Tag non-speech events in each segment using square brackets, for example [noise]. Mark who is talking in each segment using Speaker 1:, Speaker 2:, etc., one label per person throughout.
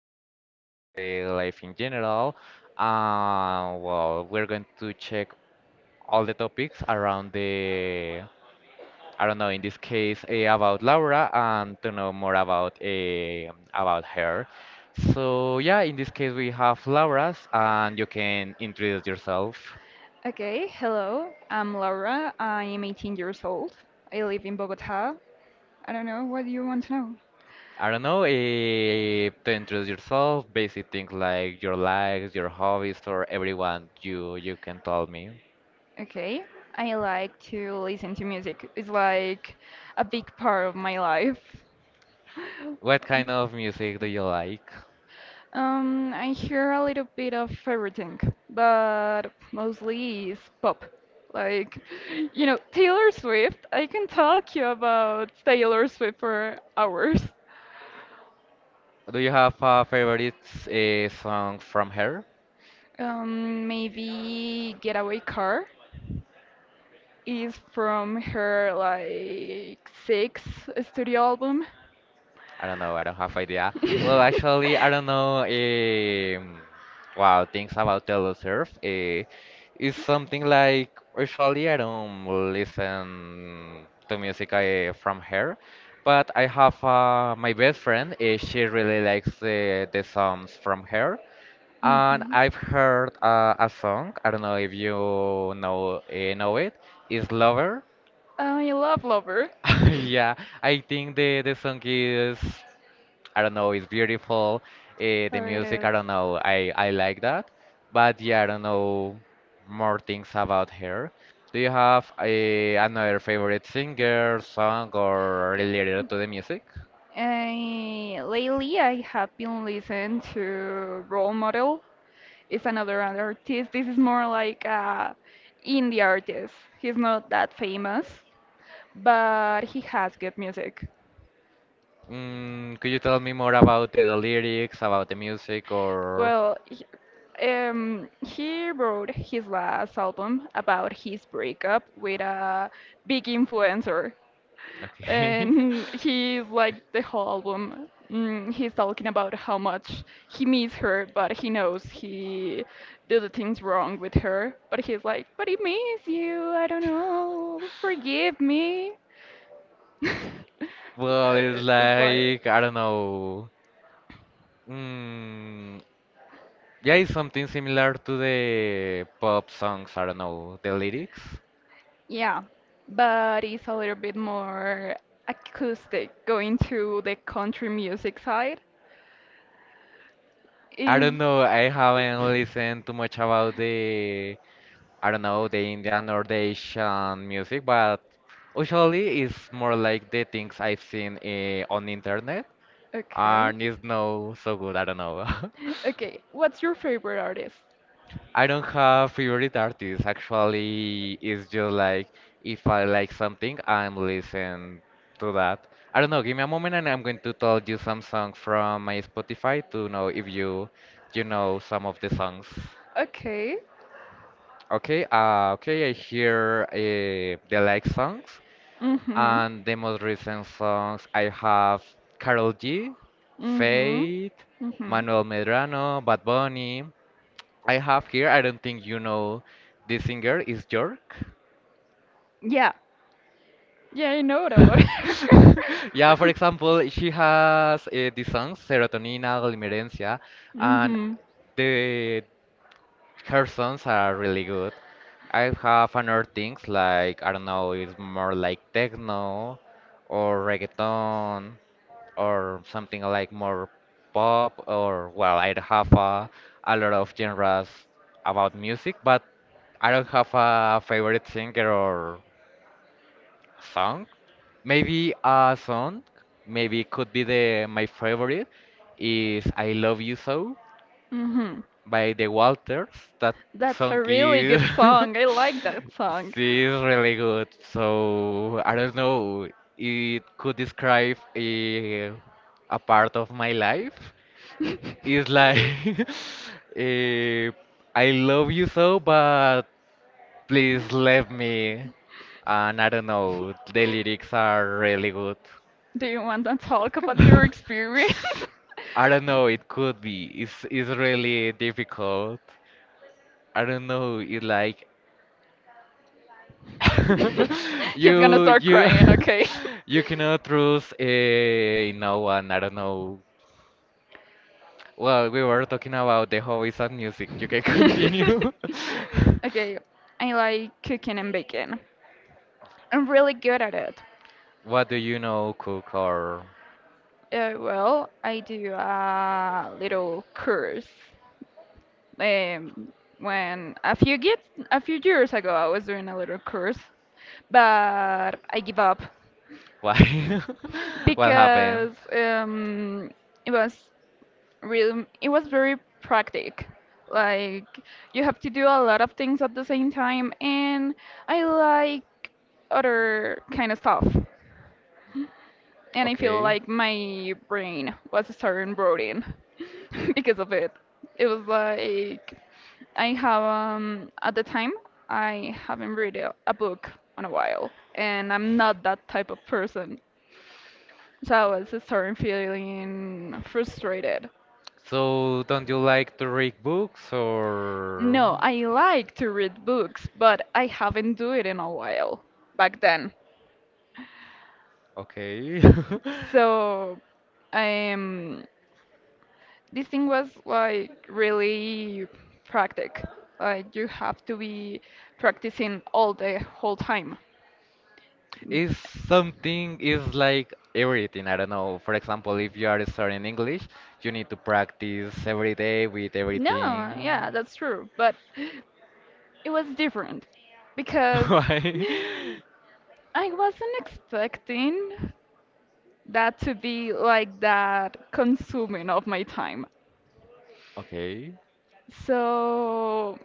Speaker 1: topics about the life in general. We're going to check all the topics around I don't know, in this case, about Laura and to know more about about her. So yeah, in this case, we have Laura's, and you can introduce yourself.
Speaker 2: Okay, hello. I'm Laura. I am 18 years old. I live in Bogota. I don't know what you want to know.
Speaker 1: I don't know, to introduce yourself, basic things like your likes, your hobbies, or everyone you can tell me.
Speaker 2: Okay, I like to listen to music. It's like a big part of my life. [laughs]
Speaker 1: What kind of music do you like?
Speaker 2: I hear a little bit of everything, but mostly is pop. Like, [laughs] you know, Taylor Swift. I can talk you about Taylor Swift for hours.
Speaker 1: Do you have a favorite song from her?
Speaker 2: Maybe Getaway Car. Is from her like sixth studio album.
Speaker 1: I don't know. I don't have idea. Well,
Speaker 2: [laughs]
Speaker 1: actually, I don't know. Wow, things about Telesurf. It's something like usually I don't listen to music from her, but I have my best friend. She really likes the songs from her, and
Speaker 2: Mhm.
Speaker 1: I've heard a song. I don't know if you know it. It's Lover.
Speaker 2: I love Lover.
Speaker 1: [laughs] Yeah, I think the song is. I don't know, it's beautiful. The
Speaker 2: Oh, it
Speaker 1: music,
Speaker 2: is.
Speaker 1: I don't know, I like that. But yeah, I don't know more things about her. Do you have another favorite singer, song, or related to the music?
Speaker 2: Lately, I have been listening to Role Model is another artist. This is more like a indie artist. He's not that famous, but he has good music.
Speaker 1: Mm, could you tell me more about the lyrics, about the music, or...
Speaker 2: Well, he wrote his last album about his breakup with a big influencer.
Speaker 1: Okay.
Speaker 2: And [laughs]
Speaker 1: [laughs]
Speaker 2: he liked the whole album. Mm, he's talking about how much he misses her, but he knows he did the things wrong with her. But he's like, but he misses you. I don't know. Forgive me. [laughs]
Speaker 1: Well, it's
Speaker 2: Uh, it's like,
Speaker 1: like, I don't know. Mm, yeah, it's something similar to the pop songs. I don't know the lyrics.
Speaker 2: yeah, but it's a little bit more acoustic, going to the country music side.
Speaker 1: I
Speaker 2: Is
Speaker 1: don't know. I haven't listened too much about the I don't know the Indian or the Asian music, but
Speaker 2: [laughs]
Speaker 1: usually it's more like the things I've seen on internet,
Speaker 2: Okay.
Speaker 1: and it's no so good. I don't know. [laughs]
Speaker 2: Okay. What's your favorite artist?
Speaker 1: I don't have favorite artists. Actually, it's just like if I like something, I'm listening to that. I don't know. Give me a moment, and I'm going to tell you some songs from my Spotify to know if you know some of the songs.
Speaker 2: Okay.
Speaker 1: Okay. Okay. I hear the like songs
Speaker 2: Mm-hmm.
Speaker 1: and the most recent songs. I have Carol G,
Speaker 2: Mm-hmm.
Speaker 1: Fate,
Speaker 2: Mm-hmm.
Speaker 1: Manuel Medrano, Bad Bunny. I have here, I don't think you know this singer, is York.
Speaker 2: Yeah. Yeah, I know what about her.
Speaker 1: [laughs] Yeah, for
Speaker 2: [laughs]
Speaker 1: example, she has these songs, Serotonina, Glimmerencia, and
Speaker 2: Mm-hmm.
Speaker 1: the her songs are really good. I have another things like, I don't know, it's more like techno or reggaeton or something like more pop or, well, I have a lot of genres about music, but I don't have a favorite singer or. Song? Maybe a song. Maybe it could be the my favorite is I Love You So
Speaker 2: Mm-hmm.
Speaker 1: by The Walters. That
Speaker 2: That's
Speaker 1: song
Speaker 2: a really
Speaker 1: is
Speaker 2: good song. I like that
Speaker 1: [laughs]
Speaker 2: song.
Speaker 1: she's really good. So I don't know. It could describe a part of my life. It's like [laughs] eh, I
Speaker 2: [laughs]
Speaker 1: love you so, but please leave me. And I don't know, the lyrics are really good.
Speaker 2: Do you want to talk about your experience?
Speaker 1: [laughs] I don't know, it could be. It's really difficult. I don't know, it like [laughs]
Speaker 2: [laughs] He's gonna
Speaker 1: you
Speaker 2: start
Speaker 1: you
Speaker 2: crying, okay?
Speaker 1: [laughs] you cannot trust no one, I don't know. Well, we were talking about the hobbies and music. You can
Speaker 2: [laughs]
Speaker 1: continue. [laughs]
Speaker 2: Okay, I like cooking and baking. I'm really good at it.
Speaker 1: What do you know, cook or
Speaker 2: Well, I do a little course. Um, when a few get, a few years ago, I was doing a little course but I give up
Speaker 1: why? [laughs] What happened?
Speaker 2: because it was it was very practic. Like you have to do a lot of things at the same time, and I like other kind of stuff. And I feel
Speaker 1: Okay.
Speaker 2: like my brain was starting rotting [laughs] because of it. It was like I have at the time I haven't read a book in a while, and I'm not that type of person. So I was starting feeling frustrated.
Speaker 1: So, don't you like to read books or?
Speaker 2: No, I like to read books, but I haven't do it in a while back then.
Speaker 1: Okay. [laughs]
Speaker 2: So um this thing was like really practic. Like you have to be practicing all the whole time. Mm.
Speaker 1: Is something is like everything. I don't know. For example, if you are studying English, you need to practice every day with
Speaker 2: No,
Speaker 1: everything.
Speaker 2: yeah, that's true. But it was different
Speaker 1: [laughs]
Speaker 2: because
Speaker 1: Why?
Speaker 2: [laughs] I wasn't expecting that to be like that consuming of my time.
Speaker 1: Okay.
Speaker 2: So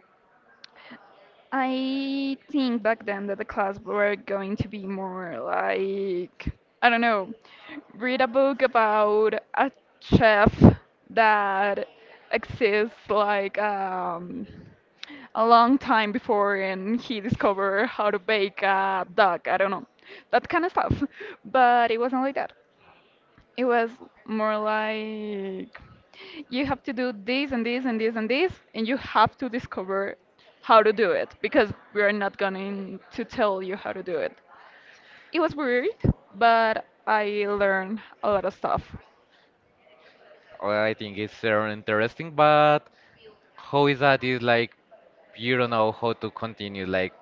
Speaker 2: I think back then that the class were going to be more like I don't know, read a book about a chef that exists like a long time before and he discovered how to bake a duck. I don't know. That kind of stuff. [laughs] But it wasn't like that. It was more like you have to do this and this and this and this, and you have to discover how to do it because we are not going to tell you how to do it. It was weird, but I learned a lot of stuff.
Speaker 1: Well, I think it's very interesting, but how is that is like you don't know how to continue. Like,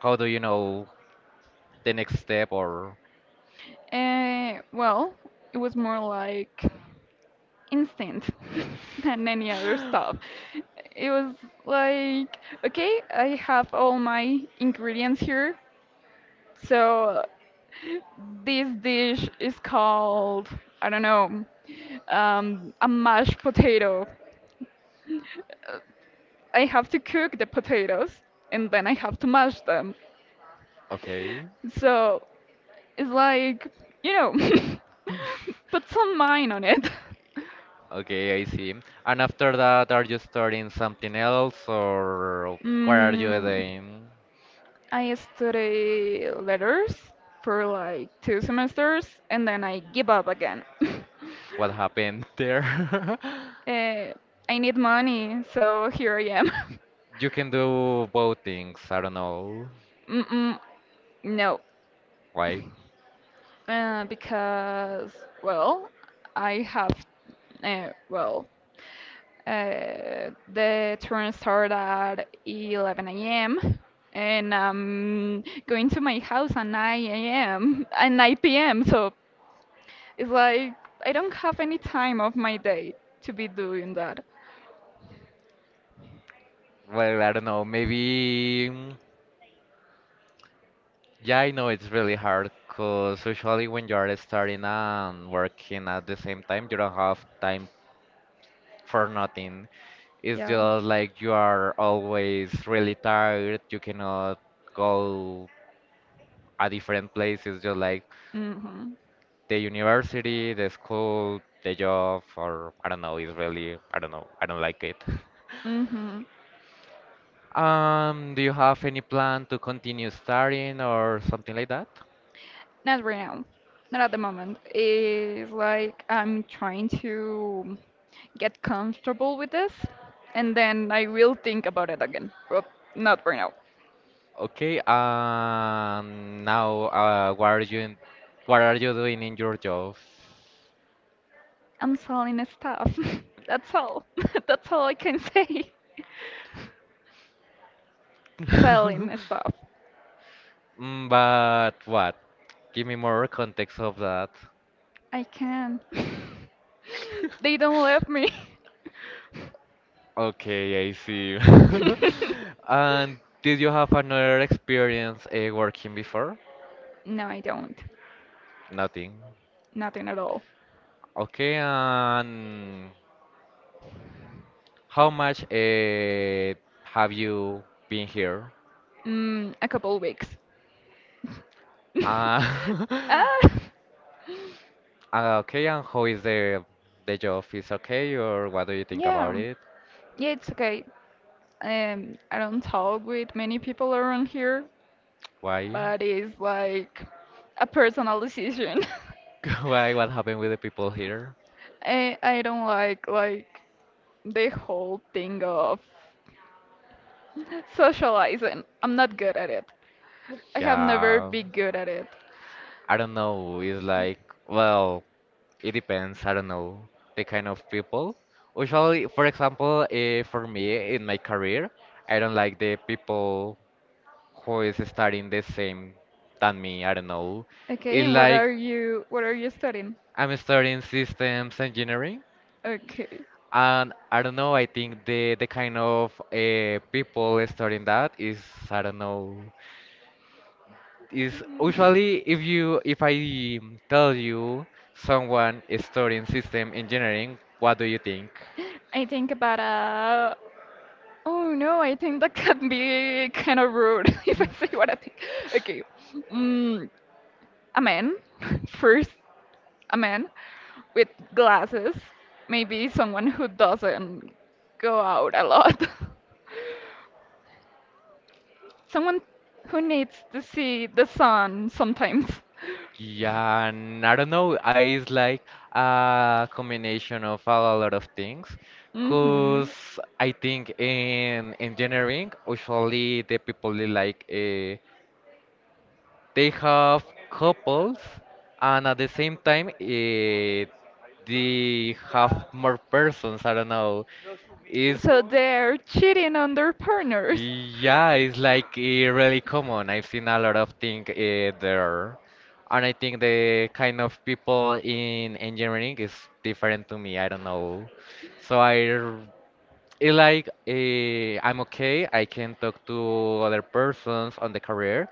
Speaker 1: how do you know the next step or
Speaker 2: Well, it was more like instant [laughs] than any other stuff. It was like, okay, I have all my ingredients here, so this dish is called, I don't know, a mashed potato. Uh, I have to cook the potatoes and then I have to mash them.
Speaker 1: okay. [laughs]
Speaker 2: So it's like, you know, [laughs] put some mind on it. [laughs]
Speaker 1: Okay, I see. And after that, are you starting something else, or what are you
Speaker 2: Mm,
Speaker 1: doing?
Speaker 2: I study letters for like two semesters and then I give up again. [laughs]
Speaker 1: What happened there?
Speaker 2: uh, I need money, so here I am.
Speaker 1: [laughs] You can do both things, I don't know.
Speaker 2: [laughs] Mm-mm, no,
Speaker 1: Why?
Speaker 2: because well, I have well the train starts at 11 a.m. and I'm going to my house at 9 a.m. at 9 p.m. So it's like I don't have any time of my day to be doing that.
Speaker 1: Well, I don't know, maybe. Yeah, I know it's really hard because usually when you're starting and working at the same time you don't have time for nothing. It's
Speaker 2: Yeah.
Speaker 1: just like you are always really tired. You cannot go a different place. It's just like
Speaker 2: Mm-hmm.
Speaker 1: the university, the school, the job, or I don't know. It's really, I don't know. I don't like it. [laughs]
Speaker 2: Mm-hmm.
Speaker 1: Do you have any plan to continue studying or something like that?
Speaker 2: Not right now, not at the moment. It's like I'm trying to get comfortable with this, and then I will think about it again. But not right now.
Speaker 1: Okay, now, what are you, what are you doing in your job?
Speaker 2: I'm selling stuff. [laughs] That's all. [laughs] That's all I can say. [laughs]
Speaker 1: [laughs]
Speaker 2: Selling stuff.
Speaker 1: Mm, but what? Give me more context of that.
Speaker 2: I can. [laughs] They don't let me.
Speaker 1: Okay, I see. [laughs]
Speaker 2: [laughs]
Speaker 1: And did you have another experience working before?
Speaker 2: No, I don't.
Speaker 1: Nothing.
Speaker 2: Nothing at all.
Speaker 1: Okay, and how much have you been here?
Speaker 2: Mm, a couple weeks. [laughs]
Speaker 1: Uh,
Speaker 2: Ah,
Speaker 1: [laughs] okay, and how is the job? Is okay, or what do you think about
Speaker 2: yeah,
Speaker 1: it?
Speaker 2: yeah, it's okay. I don't talk with many people around here,
Speaker 1: Why?
Speaker 2: but it's like a personal decision. [laughs]
Speaker 1: [laughs] Why? What happened with the people here?
Speaker 2: I don't like the whole thing of socializing. I'm not good at it. I have never
Speaker 1: Yeah,
Speaker 2: been good at it.
Speaker 1: I don't know. It's like, well. It depends, I don't know, the kind of people. Usually, for example, for me in my career, I don't like the people who is studying the same than me. I don't know.
Speaker 2: Okay,
Speaker 1: It's
Speaker 2: and
Speaker 1: like
Speaker 2: what are you studying?
Speaker 1: I'm studying systems engineering,
Speaker 2: Okay.
Speaker 1: and I don't know. I think the kind of people studying that is I don't know. Is usually if you if I tell you someone is studying system engineering, what do you think?
Speaker 2: I think about a. Oh no, I think that can be kind of rude [laughs] if I say what I think.
Speaker 1: [laughs]
Speaker 2: Okay. Mm, a man, [laughs] first, a man with glasses, maybe someone who doesn't go out a lot, [laughs] someone who needs to see the sun sometimes. [laughs]
Speaker 1: Yeah, and I don't know. I It's like a combination of a lot of things.
Speaker 2: Hmm.
Speaker 1: Cause I think in engineering, usually the people they like they have couples, and at the same time, they have more persons. I don't know. It's
Speaker 2: So they're cheating on their partners.
Speaker 1: yeah, it's like really common. I've seen a lot of things there, and I think the kind of people in engineering is different to me. I don't know, so it like I'm okay. I can talk to other persons on the career,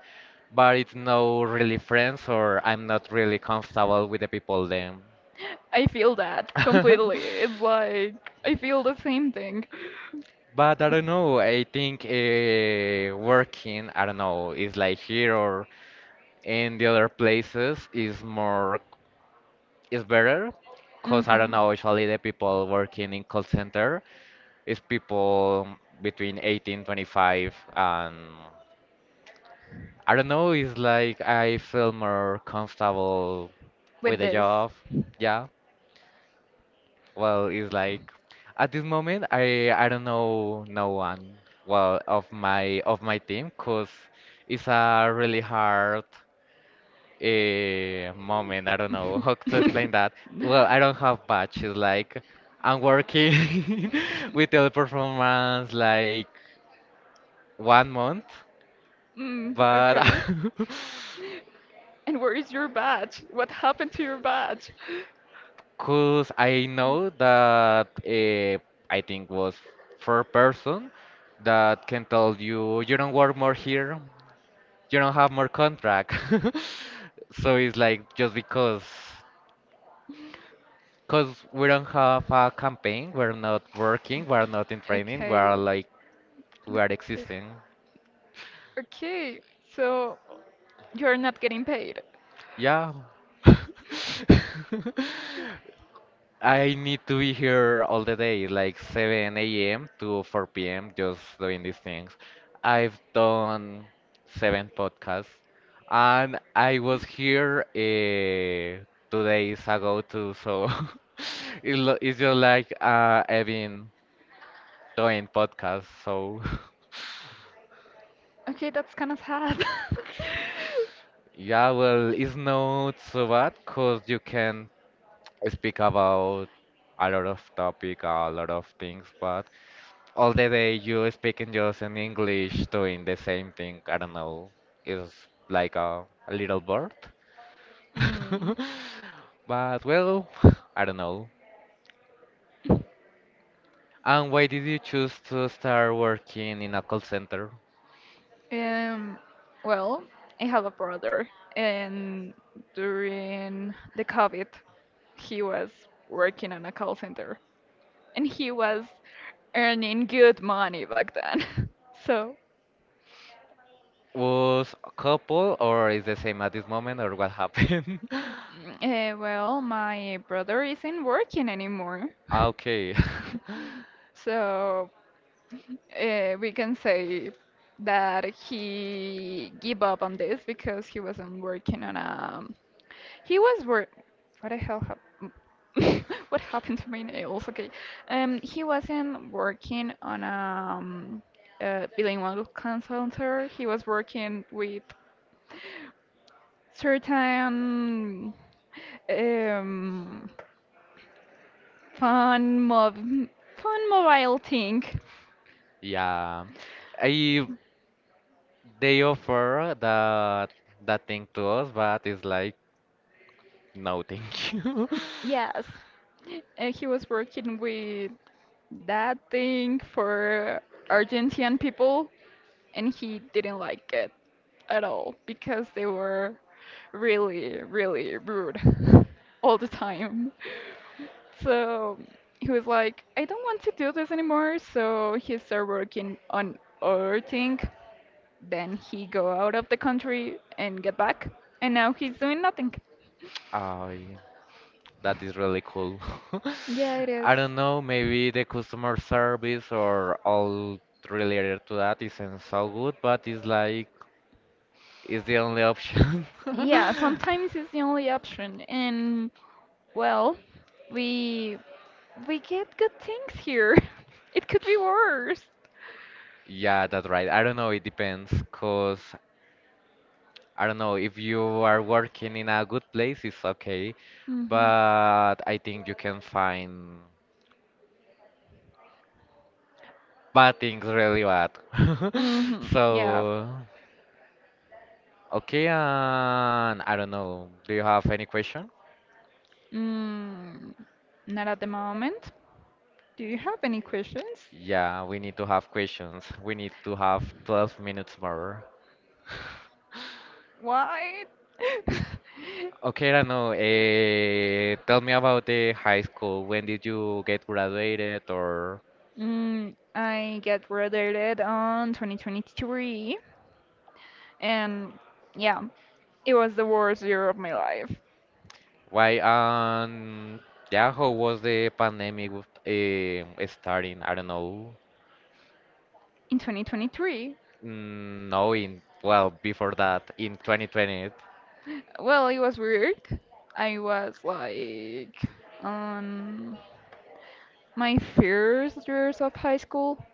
Speaker 1: but it's no really friends, or I'm not really comfortable with the people then.
Speaker 2: I feel that
Speaker 1: [laughs]
Speaker 2: completely. It's like I feel the same thing.
Speaker 1: But I don't know. I think working, I don't know, is like here or in the other places is more is better because I don't
Speaker 2: Hmm.
Speaker 1: know usually the people working in call center is people between 18, 25, and I don't know it's like I feel more comfortable
Speaker 2: With
Speaker 1: with the
Speaker 2: this.
Speaker 1: job. Yeah, well, it's like at this moment I don't know no one, well of my team because it's a really hard a moment. I don't know how to explain that.
Speaker 2: [laughs]
Speaker 1: Well, I don't have patch. It's like I'm working [laughs] with teleperformance like 1 month,
Speaker 2: Mm,
Speaker 1: but [laughs]
Speaker 2: okay. And where is your badge? What happened to your badge?
Speaker 1: because I know that I think was for a person that can tell you you don't work more here, you don't have more contract. [laughs] So it's like just because. Because we don't have a campaign, we're not working, we're not in training, we
Speaker 2: Okay.
Speaker 1: are like, we are existing.
Speaker 2: Okay, so you're not getting paid.
Speaker 1: Yeah. [laughs] I need to be here all the day, like 7 a.m. to 4 p.m., just doing these things. I've done 7 podcasts, and I was here 2 days ago too, so [laughs] it it's just like I've been doing podcasts, so. [laughs]
Speaker 2: Okay, that's kind of sad.
Speaker 1: Yeah, well, it's not so bad because you can speak about a lot of topic, a lot of things, but all the day you speaking just in English, doing the same thing, I don't know, is like a little bird.
Speaker 2: [laughs] Mm.
Speaker 1: [laughs] But well, [laughs] I don't know. And why did you choose to start working in a call center?
Speaker 2: Um, well, I have a brother, and during the COVID, he was working on a call center, and he was earning good money back then. [laughs] So,
Speaker 1: Was a couple or is the same at this moment or what happened? [laughs]
Speaker 2: well, my brother isn't working anymore.
Speaker 1: Ah,
Speaker 2: [laughs]
Speaker 1: okay. [laughs]
Speaker 2: So we can say that he gave up on this because he wasn't working on a. He was work. What the hell happened? [laughs] What happened to my nails? Okay, he wasn't working on a bilingual consultant. He was working with certain um fun mob fun mobile thing.
Speaker 1: Yeah. I they offer that thing to us, but it's like no, thank you.
Speaker 2: Yes. He was working with that thing for Argentine people, and he didn't like it at all because they were really, really rude [laughs] all the time. So he was like, I don't want to do this anymore. So he started working on other thing. Then he go out of the country and get back, and now he's doing nothing.
Speaker 1: [laughs] I that is really cool. [laughs]
Speaker 2: Yeah, it is.
Speaker 1: I don't know, maybe the customer service or all related to that isn't so good, but it's like it's the only option.
Speaker 2: Yeah,
Speaker 1: [laughs]
Speaker 2: sometimes it's the only option, and well, we we get good things here. [laughs] It could be worse.
Speaker 1: Yeah, that's right. I don't know, it depends, 'cause I don't know, if you are working in a good place, it's okay.
Speaker 2: Mhm.
Speaker 1: But I think you can find bad things really bad. [laughs]
Speaker 2: Mhm. Yeah.
Speaker 1: So, okay, and I don't know. Do you have any question?
Speaker 2: Mm, not at the moment. Do you have any questions?
Speaker 1: Yeah, we need to have questions. We need to have 12 minutes more.
Speaker 2: Why?
Speaker 1: Okay,
Speaker 2: [laughs]
Speaker 1: Rano, tell me about the high school. When did you get graduated or
Speaker 2: Mm, I get graduated on 2023, and yeah, it was the worst year of my life.
Speaker 1: why? Yeah, how was the pandemic with, starting? I don't know.
Speaker 2: In 2023,
Speaker 1: Mm, no, in well, before that, in 2020,
Speaker 2: well, it was weird. I was like on my first years of high school.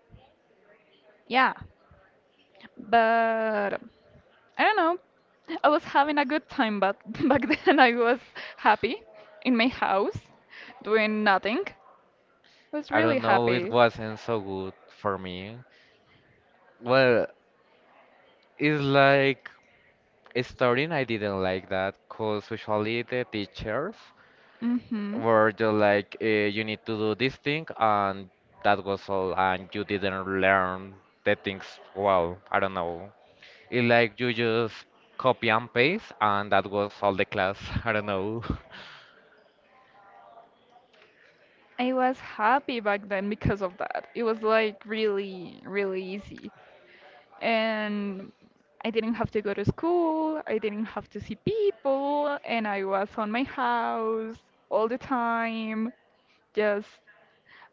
Speaker 2: Yeah, but I don't know. I was having a good time, but [laughs] back then I was happy in my house doing nothing. I was
Speaker 1: I
Speaker 2: really
Speaker 1: don't know, it
Speaker 2: happy.
Speaker 1: wasn't so good for me. Well, it's like starting, I didn't like that, cause usually the teachers
Speaker 2: Mm-hmm.
Speaker 1: were just like, you need to do this thing, and that was all, and you didn't learn the things well. I don't know. It's like you just copy and paste, and that was all the class. [laughs] I don't know.
Speaker 2: I was happy back then because of that. It was like really, really easy. And I didn't have to go to school, I didn't have to see people, and I was on my house all the time, just,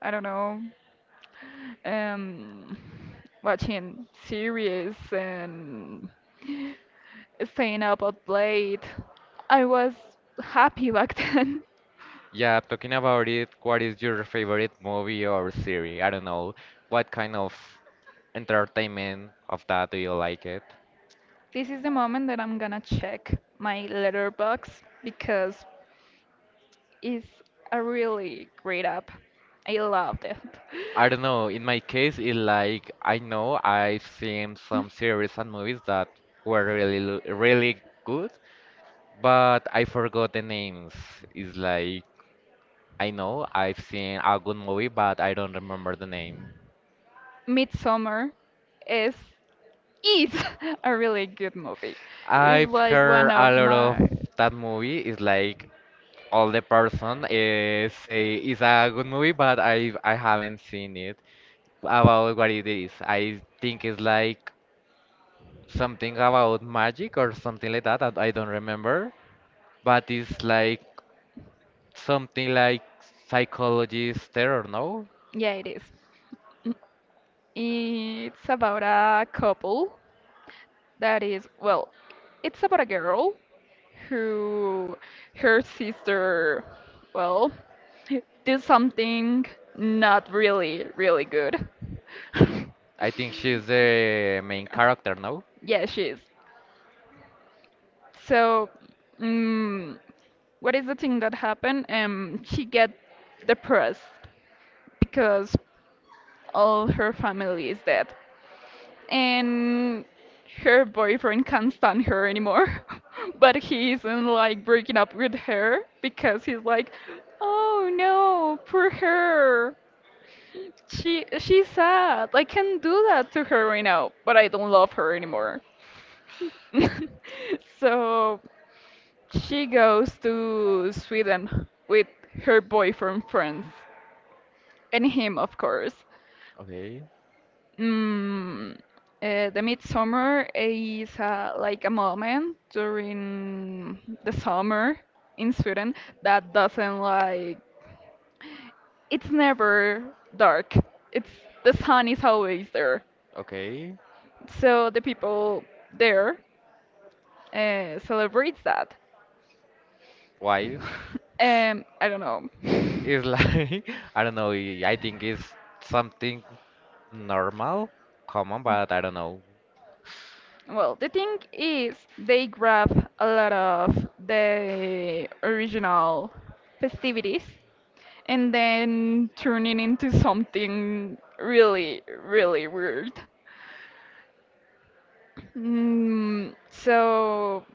Speaker 2: I don't know, um, watching series and staying up at late. I was happy back [laughs] then.
Speaker 1: Yeah, talking about it, what is your favorite movie or series? I don't know. What kind of entertainment of that do you like it?
Speaker 2: This is the moment that I'm gonna check my letterbox because it's a really great app. I loved it.
Speaker 1: I don't know. In my case, it like I know I've seen some series and movies that were really really good, but I forgot the names. It's like I know I've seen a good movie, but I don't remember the name.
Speaker 2: [laughs] Midsummer is is [laughs] a really good movie. It's
Speaker 1: I've
Speaker 2: like one
Speaker 1: heard a
Speaker 2: of
Speaker 1: lot
Speaker 2: my
Speaker 1: of that movie. It's like all the person say it's a good movie, but I haven't seen it. About what it is, I think it's like something about magic or something like that. I don't remember, but it's like something like psychologist terror, no?
Speaker 2: yeah, it is. It's about a couple that is well, it's about a girl who her sister well did something not really really good. [laughs]
Speaker 1: I think she's the main character, no?
Speaker 2: Yeah she is so mm what is the thing that happened she get depressed because all her family is dead and her boyfriend can't stand her anymore. [laughs] But he isn't like breaking up with her because he's like, oh no, poor her. She's sad. I can do that to her right now, but I don't love her anymore. [laughs] So she goes to Sweden with her boyfriend friends and him, of course.
Speaker 1: Okay,
Speaker 2: Mm, the midsummer is like a moment during the summer in Sweden that doesn't like it's never dark. It's The sun is always there.
Speaker 1: okay.
Speaker 2: So the people there celebrates that.
Speaker 1: Why? [laughs]
Speaker 2: I don't know.
Speaker 1: It's like [laughs] I don't know. I think it's something normal, common, but I don't know.
Speaker 2: Well, the thing is, they grab a lot of the original festivities and then turning into something really, really weird. Mm, so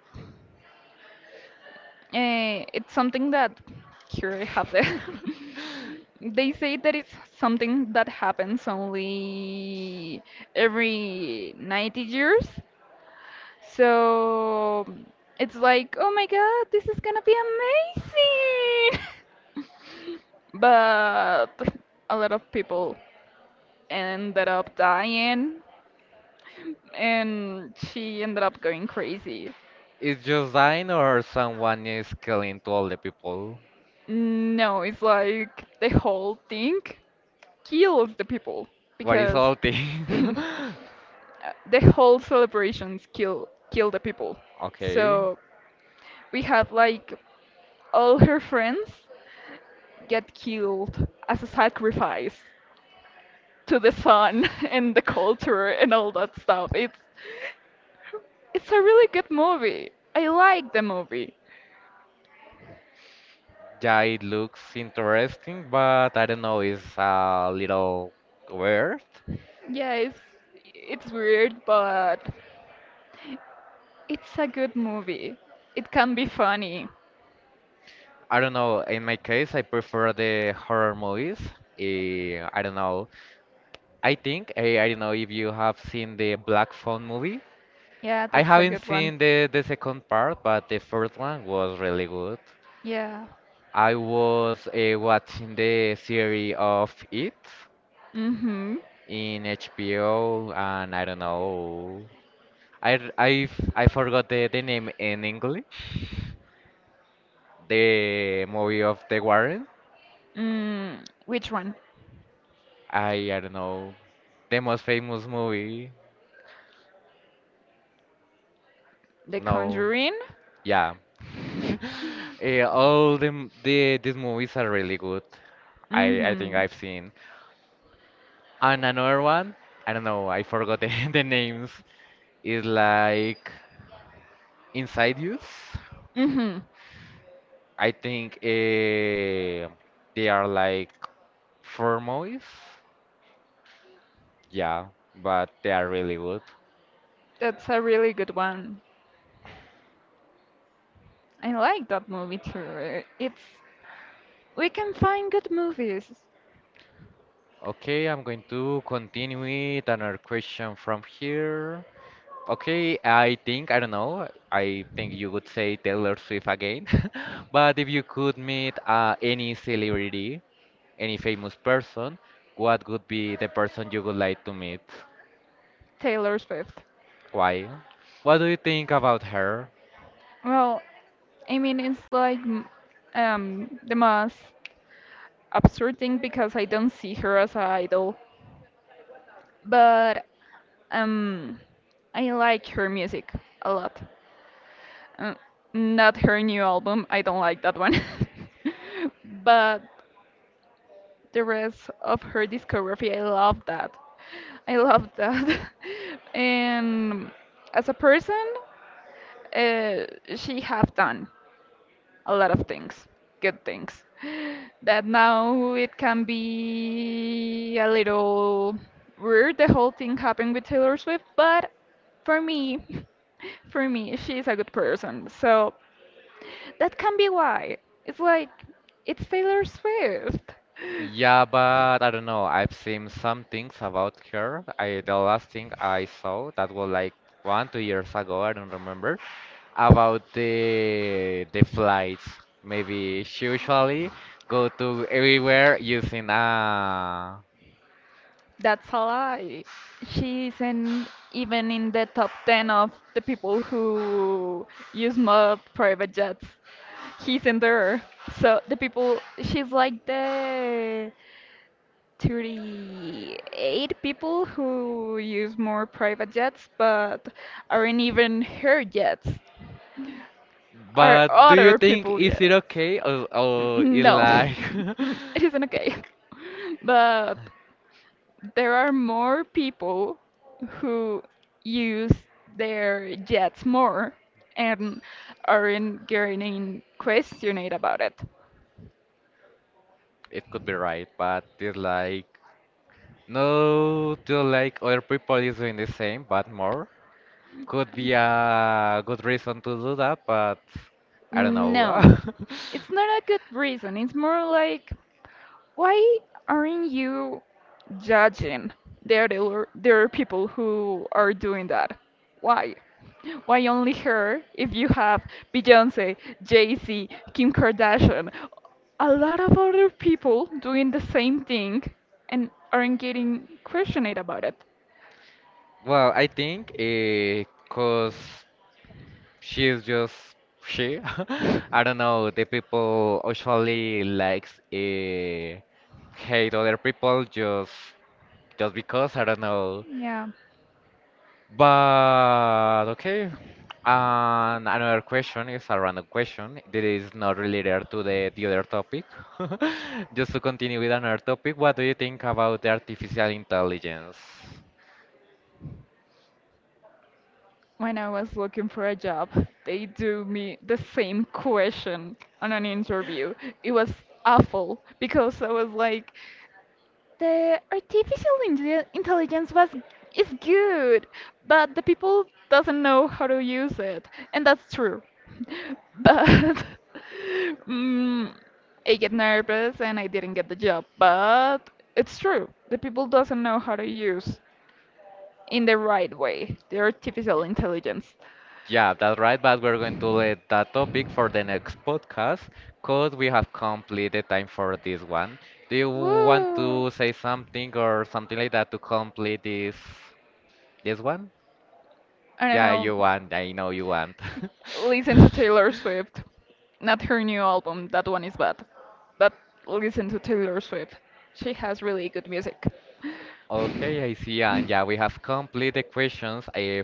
Speaker 2: it's something that here I have the.
Speaker 1: [laughs]
Speaker 2: [laughs] They say that it's something that happens only every 90 years. So it's like, oh my god, this is gonna be amazing! [laughs] But a lot of people ended up dying and she ended up going crazy.
Speaker 1: Is Josine or someone is killing to all the people?
Speaker 2: No, it's like the whole thing kills the people
Speaker 1: What is
Speaker 2: because
Speaker 1: all thing?
Speaker 2: [laughs] uh,
Speaker 1: [laughs]
Speaker 2: the whole celebrations kill the people.
Speaker 1: Okay.
Speaker 2: So we had like all her friends get killed as a sacrifice to the sun [laughs] and the culture and all that stuff. It's a really good movie. I like the movie.
Speaker 1: Yeah, it looks interesting, but I don't know, it's a little weird.
Speaker 2: Yeah, it's weird, but it's a good movie. It can be funny.
Speaker 1: I don't know, in my case, I prefer the horror movies. I don't know. I think, I don't know if you have seen the Black Phone movie.
Speaker 2: Yeah,
Speaker 1: I
Speaker 2: that's a
Speaker 1: haven't
Speaker 2: good one.
Speaker 1: seen the second part, but the first one was really good.
Speaker 2: Yeah.
Speaker 1: I was watching the series of It
Speaker 2: Mm-hmm.
Speaker 1: in HBO, and I don't know. I, r- I, f- I forgot the name in English. The movie of The Warren.
Speaker 2: Mm, which one?
Speaker 1: I don't know. The most famous movie.
Speaker 2: The
Speaker 1: No.
Speaker 2: Conjuring?
Speaker 1: Yeah. [laughs]
Speaker 2: [laughs]
Speaker 1: The these movies are really good. I think
Speaker 2: Mm-hmm.
Speaker 1: I've seen. And another one, I don't know, I forgot the, [laughs] the names. Is like Inside youth,
Speaker 2: Mm-hmm.
Speaker 1: I think they are like formalists. Yeah, but they are really good.
Speaker 2: That's a really good one. I like that movie too. It's We can find good movies.
Speaker 1: Okay, I'm going to continue with another question from here. Okay, I think, I don't know, I think you would say Taylor Swift again. [laughs] But if you could meet any celebrity, any famous person, what would be the person you would like to meet?
Speaker 2: Taylor Swift.
Speaker 1: Why? What do you think about her?
Speaker 2: Well, I mean the most absurd thing because I don't see her as an idol, but um, I like her music a lot. Uh, not her new album, I don't like that one, [laughs] but the rest of her discography, I love that. I love that. [laughs] And as a person, uh, she have done. A lot of things, good things. That now it can be a little weird, the whole thing happened with Taylor Swift, but for me, [laughs] for me, she's a good person. So that can be why. It's like, it's Taylor Swift.
Speaker 1: Yeah, but I don't know. I've seen some things about her. I the last thing I saw that was like one, 2 years ago, I don't remember, about
Speaker 2: [sighs]
Speaker 1: the flights. Maybe she usually go to everywhere using a
Speaker 2: That's a lie. She isn't even in the top 10 of the people who use mod private jets. He's in there. So the people, she's like the 38 people who use more private jets, but aren't even her jets, are
Speaker 1: but do you
Speaker 2: other
Speaker 1: think
Speaker 2: people
Speaker 1: is
Speaker 2: jets.
Speaker 1: it okay or
Speaker 2: N-
Speaker 1: it
Speaker 2: No, [laughs]
Speaker 1: like [laughs]
Speaker 2: it isn't okay. [laughs] But there are more people who use their jets more and aren't getting questioned about it.
Speaker 1: it could be right, but it's like no to like other people is doing the same but more. Could be a good reason to do that, but I don't know.
Speaker 2: No,
Speaker 1: [laughs]
Speaker 2: it's not a good reason. It's more like why aren't you judging the other people who are doing that? Why? Why only her if you have Beyonce, Jay-Z, Kim Kardashian, a lot of other people doing the same thing and aren't getting questioned about it?
Speaker 1: Well, I think because she's just she. [laughs] I don't know. The people usually likes hate other people just because I don't know.
Speaker 2: Yeah.
Speaker 1: But okay. And another question is a random question that is not related to the other topic. [laughs] Just to continue with another topic, what do you think about the artificial intelligence?
Speaker 2: When I was looking for a job, they do me the same question on an interview. It was awful because I was like, intelligence was is good, but the people doesn't know how to use it, and that's true. [laughs] But [laughs] mm, I get nervous and I didn't get the job, but it's true. The people doesn't know how to use in the right way, the artificial
Speaker 1: Y-
Speaker 2: intelligence.
Speaker 1: Yeah, that's right, but we're going to let that topic for the next podcast because we have completed time for this one. Do you want
Speaker 2: Woo!
Speaker 1: to say something or something like that to complete this one?
Speaker 2: I don't
Speaker 1: Yeah,
Speaker 2: know.
Speaker 1: you want. I know you want.
Speaker 2: Listen to
Speaker 1: [laughs]
Speaker 2: Taylor Swift. Not her new album, that one is bad. But listen to Taylor Swift. She has really good music.
Speaker 1: Okay, I see. And yeah, we have complete the questions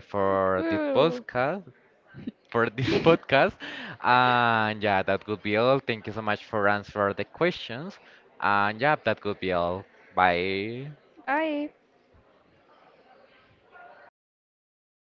Speaker 2: [laughs]
Speaker 1: for this
Speaker 2: Cool.
Speaker 1: podcast. For this [laughs] podcast, and yeah, that could be all. Thank you so much for answering the questions. And yeah, that could be all. Bye.
Speaker 2: Bye.